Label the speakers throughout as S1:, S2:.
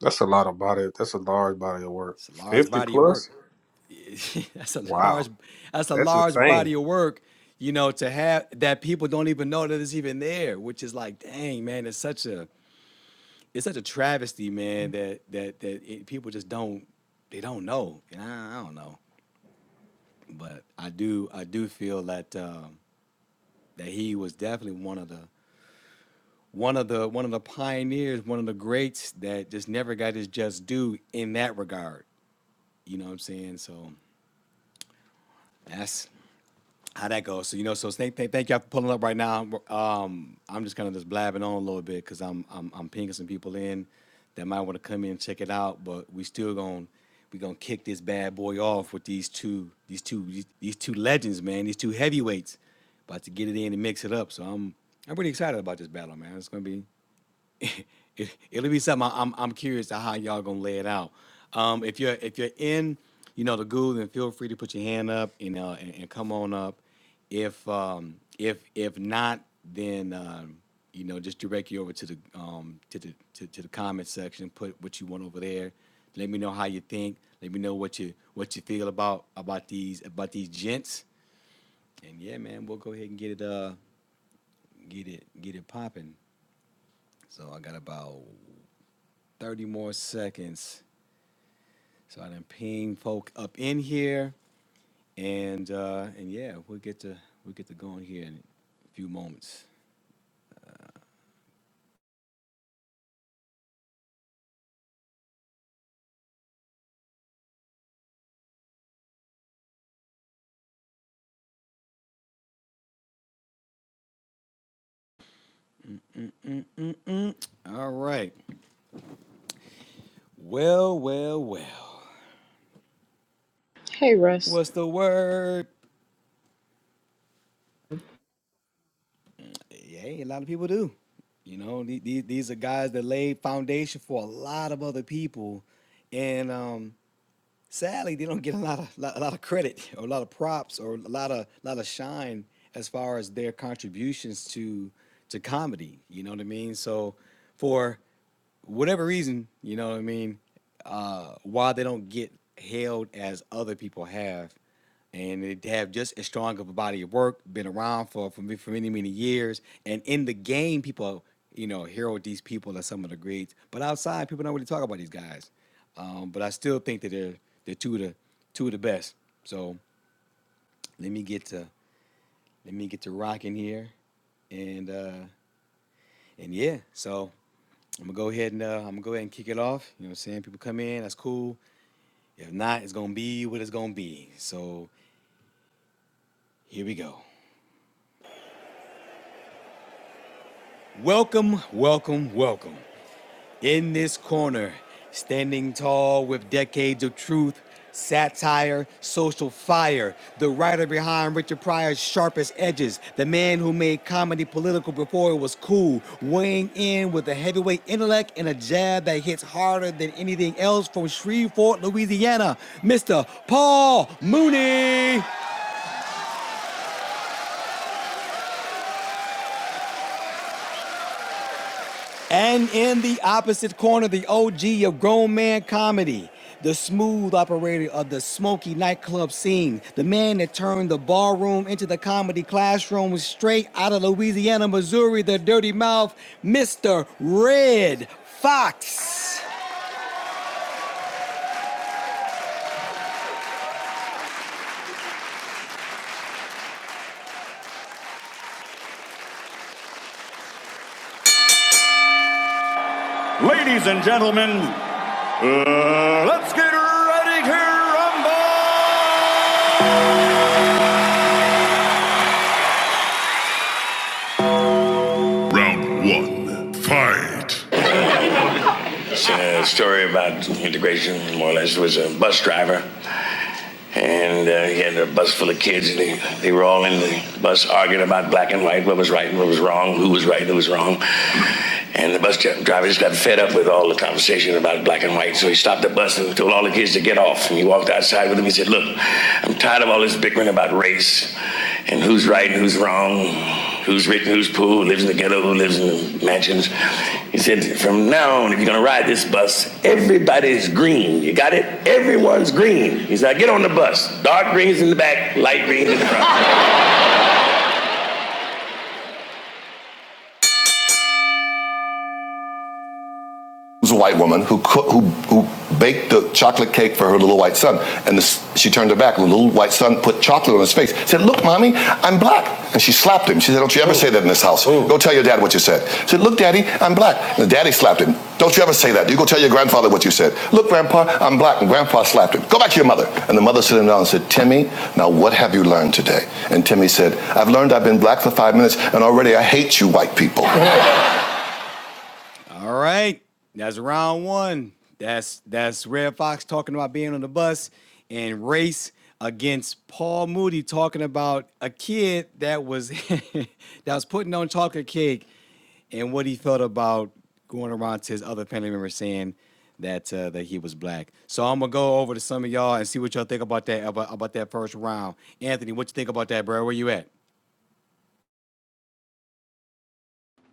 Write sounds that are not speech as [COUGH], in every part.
S1: That's a lot of body. That's a large body of work. Fifty plus. Wow, that's insane.
S2: Hey Russ,
S3: Ladies and gentlemen, uh, let's get ready to rumble! Round one, fight! It's a story about integration, more or less, It was a bus driver. And uh, he had a bus full of kids, and they, they were all in the bus arguing about black and white, what was right and what was wrong, who was right and who was wrong. And the bus driver just got fed up with all the conversation about black and white, so he stopped the bus and told all the kids to get off. And he walked outside with them. He said, Look, I'm tired of all this bickering about race and who's right and who's wrong, who's rich and who's poor, who lives in the ghetto, who lives in the mansions. He said, from now on, if you're gonna ride this bus, everybody's green. You got it? Everyone's green. He said, get on the bus. Dark green's in the back, light green's in the front. [LAUGHS] was a white woman who cook, who who baked the chocolate cake for her little white son, and the, she turned her back. And the little white son put chocolate on his face. Said, "Look, mommy, I'm black." And she slapped him. She said, "Don't you ever Ooh. say that in this house. Ooh. Go tell your dad what you said." She said, "Look, daddy, I'm black." And the daddy slapped him. "Don't you ever say that. You go tell your grandfather what you said." "Look, grandpa, I'm black." And grandpa slapped him. "Go back to your mother." And the mother sat him down and said, "Timmy, now what have you learned today?" And Timmy said, "I've learned I've been black for five minutes, and already I hate you, white people." [LAUGHS]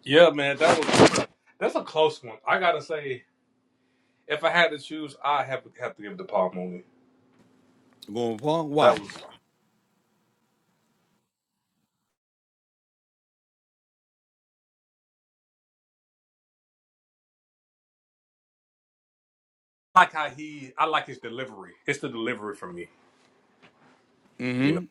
S1: Yeah, man, that was that's a close one. I gotta say, if I had to choose, I have have to give the Paul Mooney. That was I like how he. I like his delivery. It's the delivery for me. You know.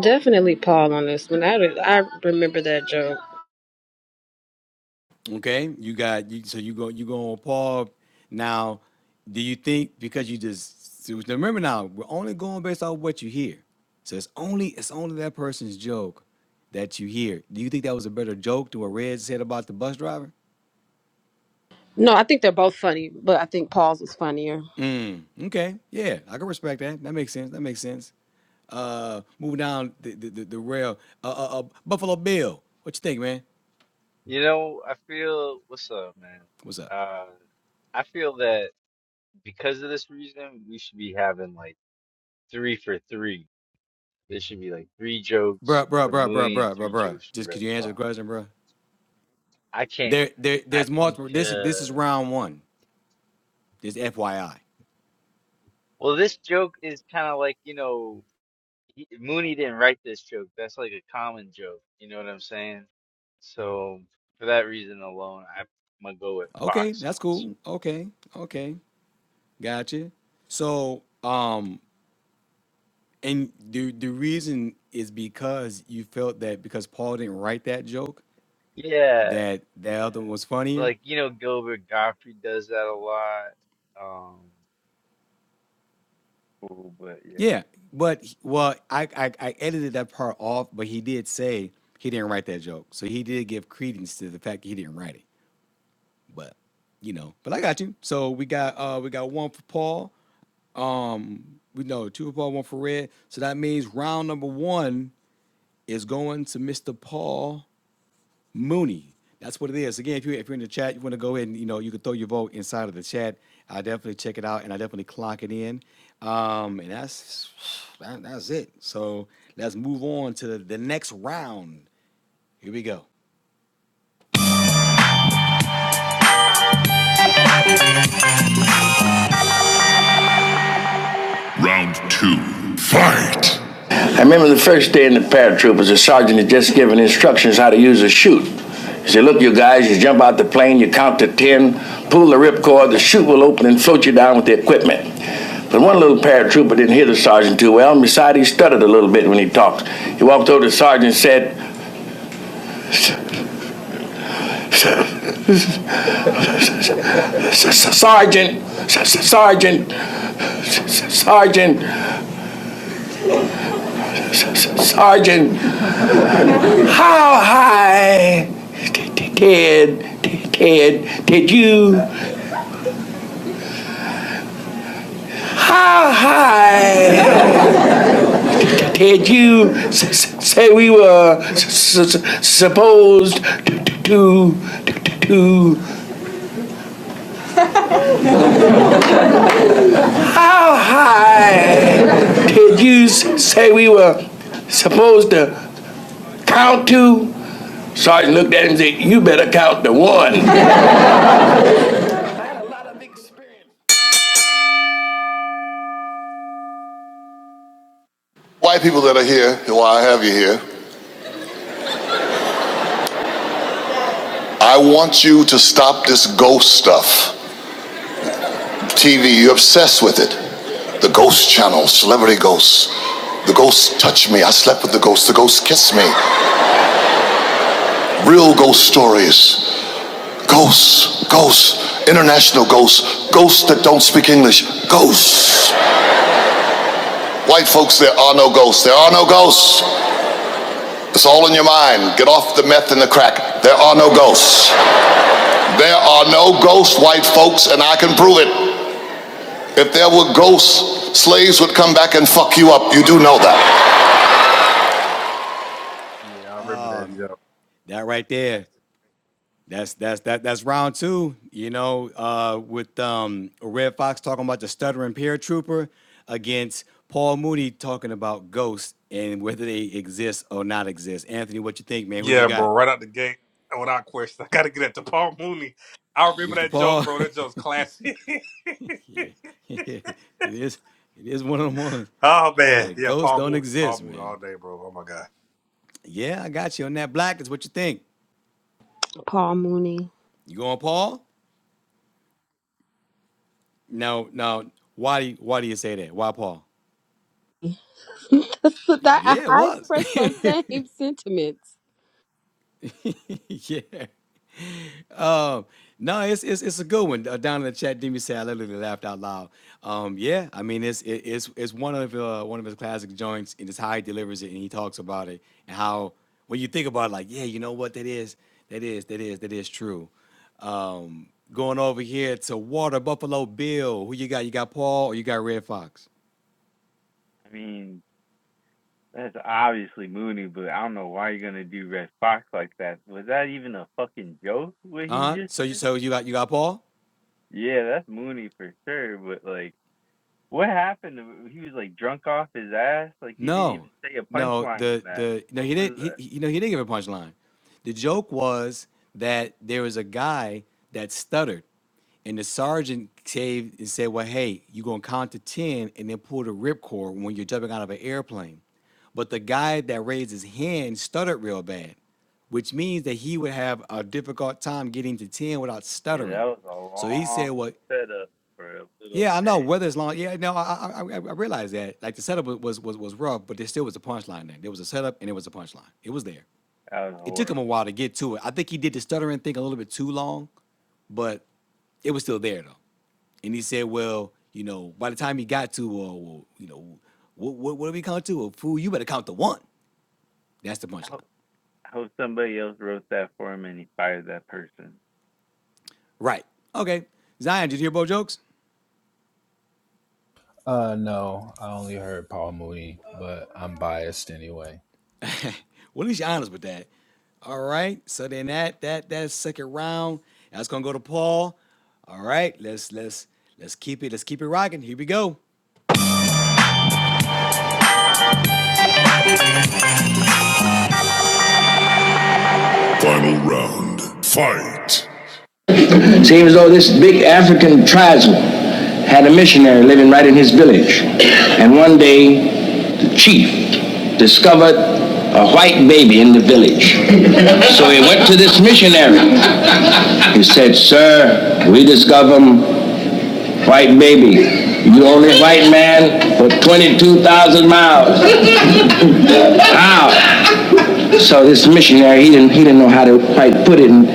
S2: definitely Paul on this one. I I remember that joke. No, I think they're both funny, but I think Paul's was funnier.
S4: You know, I feel what's up, man? Uh, I feel that because of this reason, we should be having like three for three. There should be like three jokes for Mooney and three jokes for Red Fox. I can't. I think, uh, well, this joke is kind of like, you know, he, Mooney didn't write this joke. That's like a common joke. You know what I'm saying? So, for that reason alone, I'm gonna go with Fox on this one. Yeah, Like, you know, Gilbert Gottfried does that a lot. Um, Cool, but yeah,
S3: Round two. Fight! I remember the first day in the paratroopers, the sergeant had just given instructions how to use a chute. He said, look, you guys, you jump out the plane, you count to 10, pull the ripcord, the chute will open and float you down with the equipment. But one little paratrooper didn't hear the sergeant too well, and besides, he stuttered a little bit when he talked. He walked over to the sergeant and said, Sergeant, Sergeant, Sergeant, Sergeant, how high Ted, Ted, did you Hi! [LAUGHS] Did you s- s- say we were s- s- supposed to to to? How high? Did you s- say we were supposed to count to? Sergeant looked at him and said, "You better count to one." White people that are here, and why I have you here, I want you to stop this ghost stuff. TV, you're obsessed with it. The ghost channel, celebrity ghosts. The ghosts touch me. I slept with the ghosts. The ghosts kiss me. Real ghost stories. Ghosts, ghosts, international ghosts, ghosts that don't speak English, ghosts. White folks, there are no ghosts. There are no ghosts. It's all in your mind. Get off the meth and the crack. There are no ghosts. There are no ghosts, white folks, and I can prove it. If there were ghosts, slaves would come back and fuck you up. You do know that.
S1: Yeah, I remember that joke. Yeah, bro. Right out the gate, without question, I gotta get at the Paul Mooney. I remember that joke, bro. That joke's classic. [LAUGHS] oh man, yeah, Paul Mooney, Paul Mooney all day, bro. Oh my god.
S2: Paul Mooney. [LAUGHS] that, I, I express those same [LAUGHS] sentiments.
S4: I mean that's obviously Mooney, but I don't know why you're gonna do Red Fox like that. Was that even a fucking joke? What he just said? Yeah, that's Mooney for sure. But like, what happened? to- He was like drunk off his ass. Like he didn't even say a punchline in that. What was that? Yeah, that was a long setup for a little pay. That was horrible. How I hope somebody else wrote that for him and inspired that person. Yeah.
S5: Uh, no, I only heard Paul Mooney, but I'm biased anyway.
S3: Round fight. Seems though this big African tribesman had a missionary living right in his village. And one day, the chief discovered a white baby in the village. [LAUGHS] So he went to this missionary. He said, Sir, we discovered a white baby. You only white man for 22,000 miles. How? So this missionary, he didn't, he didn't know how to quite put it, and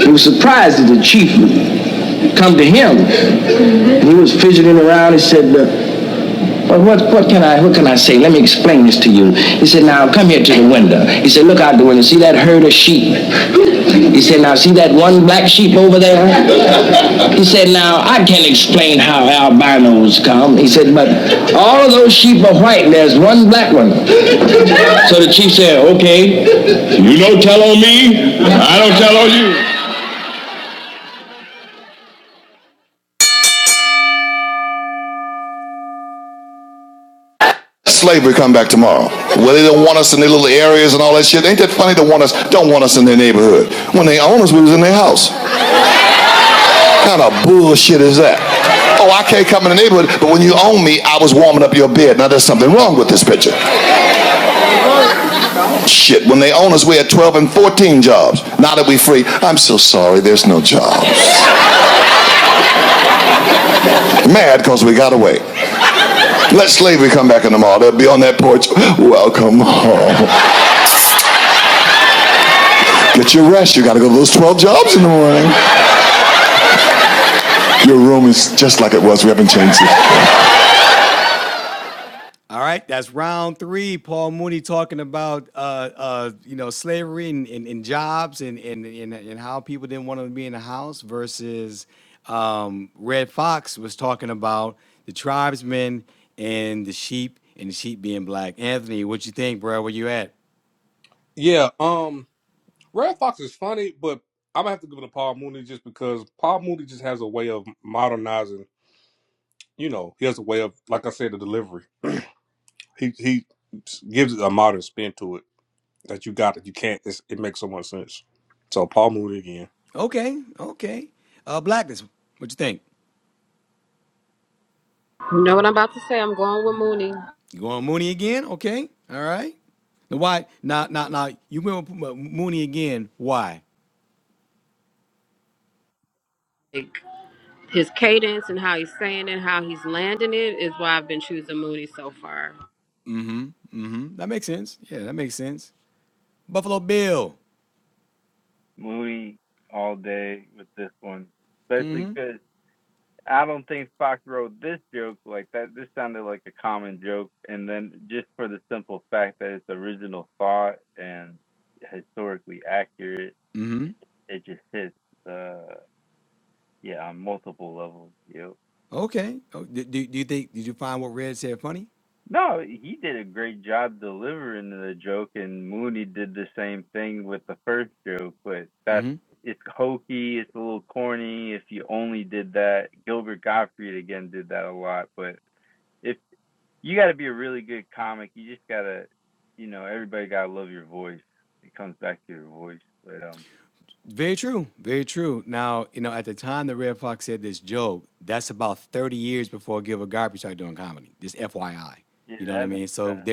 S3: he was surprised that the chief would come to him. And he was fidgeting around. He said, uh, "Well, what, what can I, what can I say? Let me explain this to you." He said, "Now come here to the window." He said, "Look out the window. See that herd of sheep?" He said, "Now see that one black sheep over there?" He said, "Now I can't explain how albinos come." He said, "But all of those sheep are white, and there's one black one." So the chief said, "Okay." You don't tell on me, I don't tell on you. slavery come back tomorrow. Well, they don't want us in their little areas and all that shit. Ain't that funny? They want us, don't want us in their neighborhood. When they own us, we was in their house. What Kind of bullshit is that? Oh, I can't come in the neighborhood, but when you own me, I was warming up your bed. Now there's something wrong with this picture. Shit, when they own us, we had 12 and 14 jobs. Now that we free, I'm so sorry, there's no jobs. Mad because we got away. Let slavery come back in tomorrow. They'll be on that porch. Welcome home. Get your rest. You got to go to those 12 jobs in the morning. Your room is just like it was. We haven't changed it.
S1: Yeah. Um. Red Fox is funny, but I'm gonna have to give it to Paul Mooney just because Paul Mooney just has a way of modernizing. You know, he has a way of, like I said, the delivery. He he gives it a modern spin to it that you got that you can't. It's, it makes so much sense. So Paul Mooney again.
S2: You know what I'm about to say? I'm going with Mooney. Like, his cadence and how he's saying it, how he's landing it is why I've been choosing Mooney so far.
S4: Moody all day with this one, especially because I don't think Fox wrote this joke like that. This sounded like a common joke, and then just for the simple fact that it's original thought and historically accurate, it, it just hits. Uh, yeah, on multiple levels. You know, No, he did a great job delivering the joke, and Mooney did the same thing with the first joke. But that's it's hokey, it's a little corny. If you only did that, Gilbert Gottfried again did that a lot. But if you got to be a really good comic, you just gotta, you know, everybody gotta love your voice. It comes back to your voice. But um, yeah, that makes sense.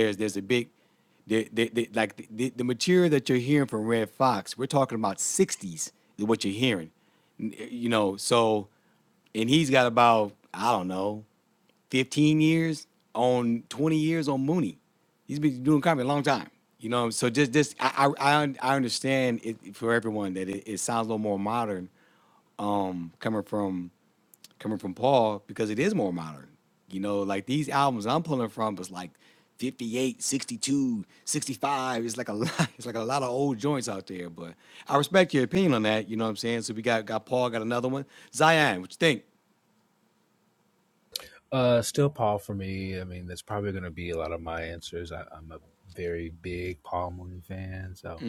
S5: Uh, still Paul for me. I mean, that's probably going to be a lot of my answers. I, I'm a very big Paul Mooney fan, so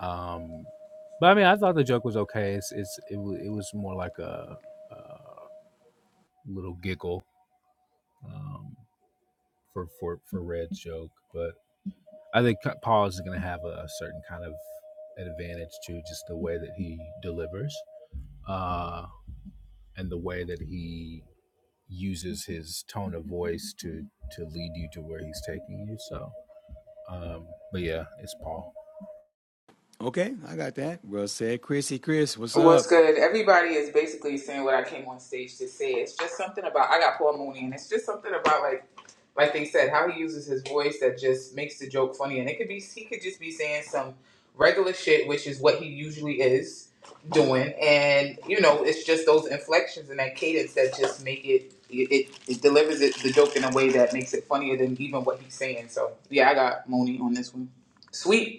S5: um, but I mean, I thought the joke was okay. It's it's it, wa- it was more like a, a little giggle um, for for for Red's joke, but I think Paul is going to have a, a certain kind of advantage to just the way that he delivers uh, and the way that he uses his tone of voice to to lead you to where he's taking you. So, um, but yeah, it's Paul.
S6: What's good? Everybody is basically saying what I came on stage to say. It's just something about I got Paul Mooney, and it's just something about like, like they said, how he uses his voice that just makes the joke funny. And it could be he could just be saying some regular shit, which is what he usually is doing. And you know, it's just those inflections and that cadence that just make it it, it delivers it, the joke in a way that makes it funnier than even what he's saying. So yeah, I got Mooney on this one. Sweet.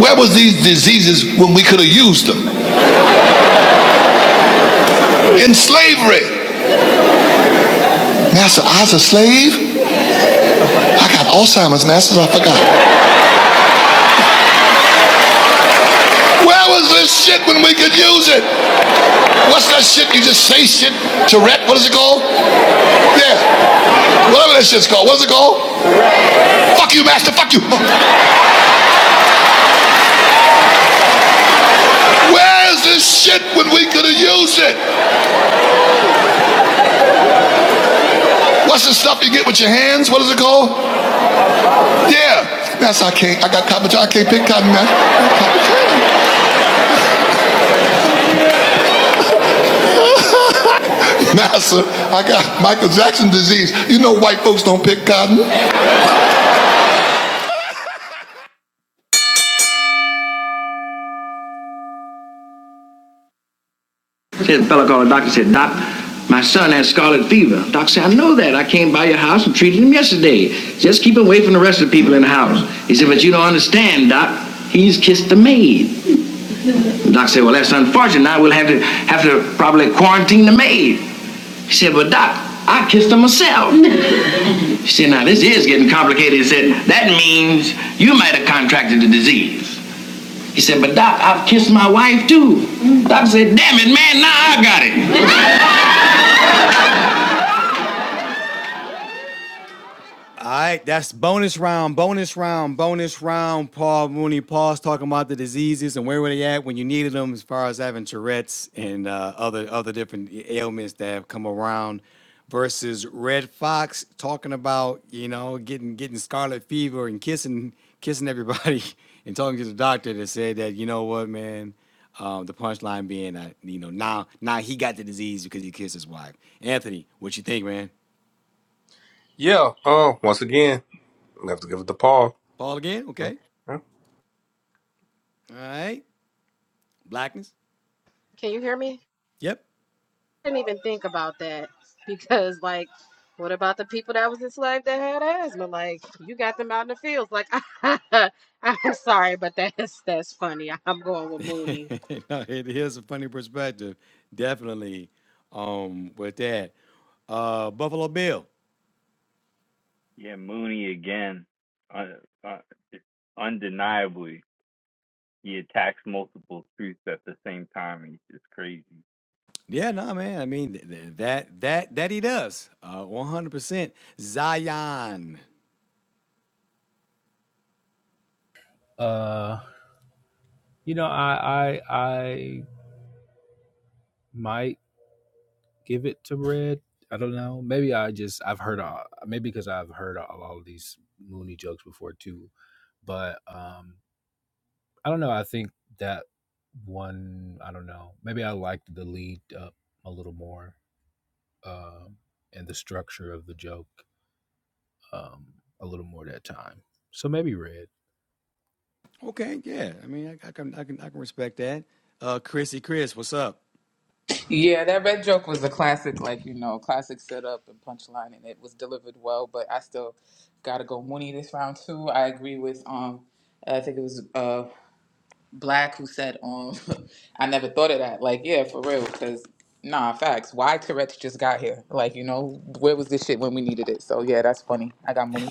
S3: Where was these diseases when we could have used them? In slavery. Master, I was a slave. I got Alzheimer's, Master. I forgot. Where was this shit when we could use it? What's that shit? You just say shit. Tourette. What is it called? Yeah. Whatever that shit's called. What's it called? Fuck you, Master. Fuck you. Where is this shit when we could have used it? What's the stuff you get with your hands? What is it called? Yeah. Master, I can't. I got cotton. I can't pick cotton, man. Master, I got Michael Jackson disease. You know white folks don't pick cotton. Said a fellow called the doctor said, Doc, my son has scarlet fever. Doc said, I know that. I came by your house and treated him yesterday. Just keep away from the rest of the people in the house. He said, But you don't understand, Doc. He's kissed the maid. The doc said, Well, that's unfortunate. Now we'll have to have to probably quarantine the maid. He said, But Doc, I kissed her myself. [LAUGHS] You See, now this is getting complicated. He said, that means you might have contracted the disease. He said, but doc, I've kissed my wife too. Doc said, damn it, man, now I got it.
S1: Yeah. Uh, once again, we have to give it to Paul. Yeah. yeah.
S2: Can you hear me? didn't even think about that [LAUGHS] because like what about the people that was enslaved that had asthma like you got them out in the fields like [LAUGHS] i'm sorry but that's that's funny i'm going with mooney
S4: Yeah, Mooney again, uh, uh, undeniably. He attacks multiple truths at the same time, and it's just crazy.
S5: Uh, you know, I I I might give it to Red. I don't know. Maybe I just I've heard uh, maybe because I've heard all, all of these Mooney jokes before too. But um I don't know. I think that one I don't know. Maybe I liked the lead up a little more um and the structure of the joke um a little more that time. So maybe Red.
S6: Yeah, that red joke was a classic, like, you know, classic setup and punchline, and it was delivered well, but I still gotta go Mooney this round too. I agree with um I think it was uh Black who said um [LAUGHS] I never thought of that. Like, yeah, for real, because nah, facts. Why Tourette's just got here? Like, you know, where was this shit when we needed it? So yeah, that's funny. I got Mooney.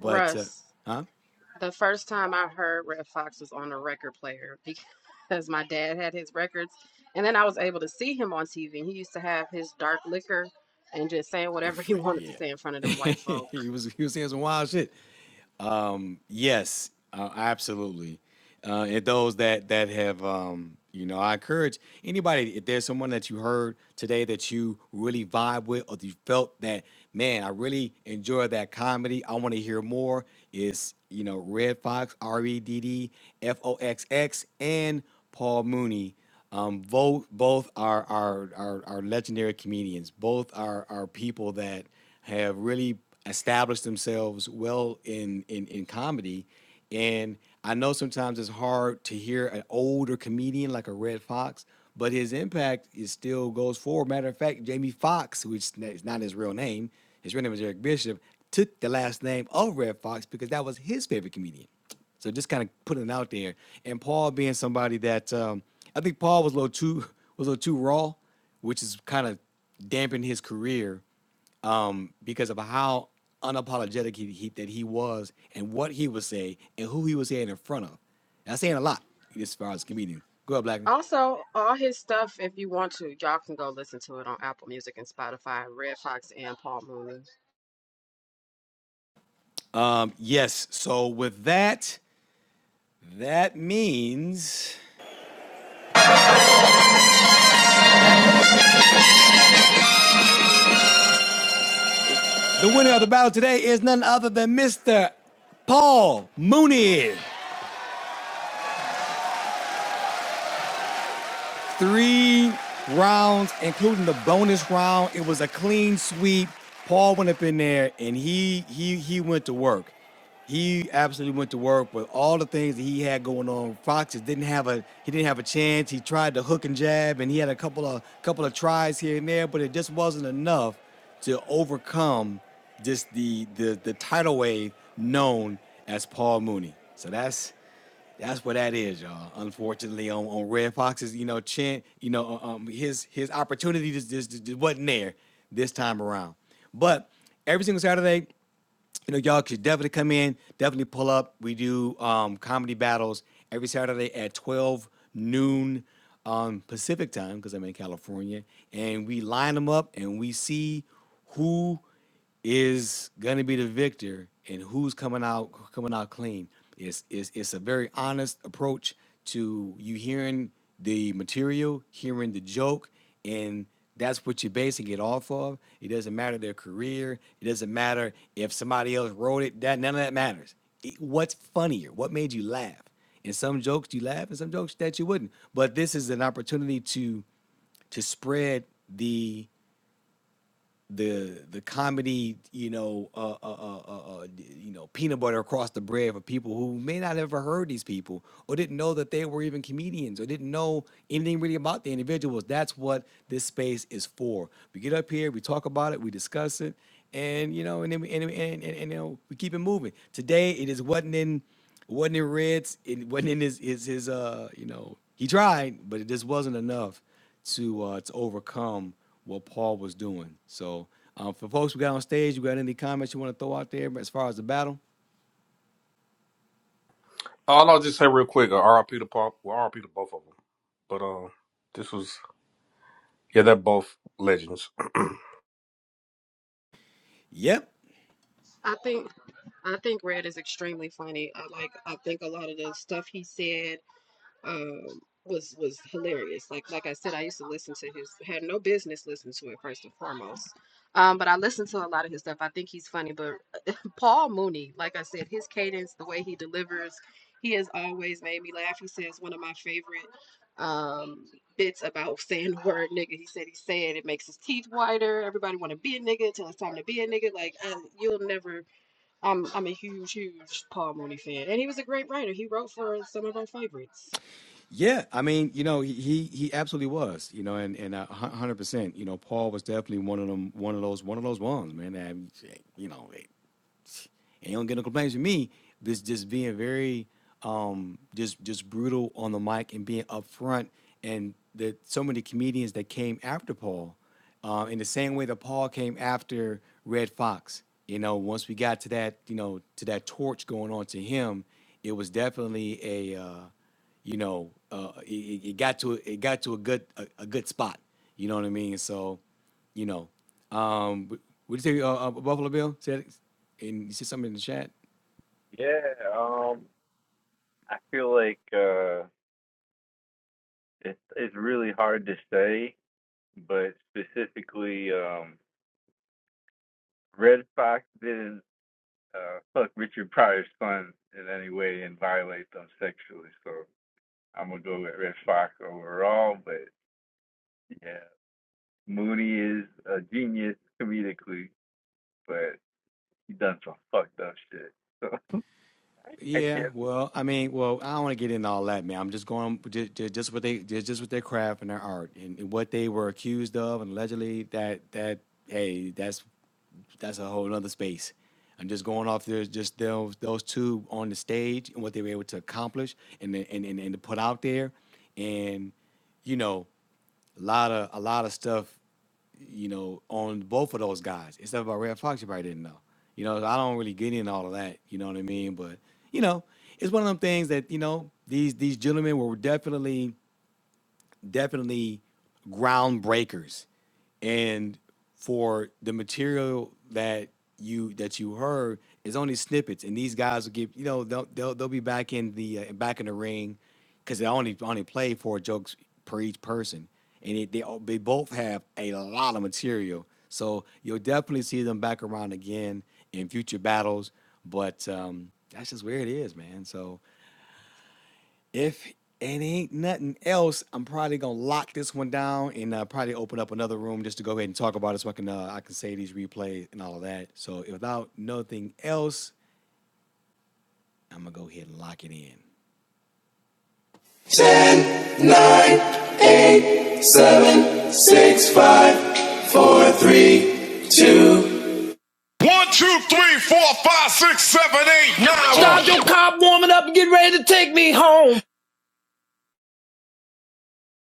S2: russ the first time i heard red fox was on a record player [LAUGHS] because my dad had his records and then i was able to see him on tv he used to have his dark liquor and just saying whatever [LAUGHS] he wanted to say in front of them white folk Also, all his stuff, if you want to, y'all can go listen to it on Apple Music and Spotify, Red Fox and Paul Mooney.
S1: All I'll just say real quick, uh, RIP to Paul. Well, RIP to both of them. But uh, this was yeah, they're both legends. [CLEARS THROAT]
S2: I think I think Red is extremely funny. I like I think a lot of the stuff he said um, was was hilarious. Like like I said, I used to listen to his had no business listening to it first and foremost. Um, but I listened to a lot of his stuff. I think he's funny, but [LAUGHS] Paul Mooney, like I said, his cadence, the way he delivers, he has always made me laugh. He says one of my favorite um bits about saying the word nigga. He said he said it makes his teeth whiter. Everybody want to be a nigga till it's time to be a nigga. Like I, you'll never. I'm I'm a huge huge Paul Mooney fan, and he was a great writer. He wrote for some of our favorites.
S4: Yeah, um, I feel like uh, it's it's really hard to say, but specifically, um, Red Fox didn't uh, fuck Richard Pryor's son in any way and violate them sexually. So I'm gonna go with Red Fox overall, but yeah, Mooney is a genius comedically, but he done some fucked up shit. So [LAUGHS] I, I can't
S3: 10, 9, eight, seven, six, five, four, three, two. One, two, three, four, five, six, seven, eight, nine. Start your car warming up and get ready to take me home.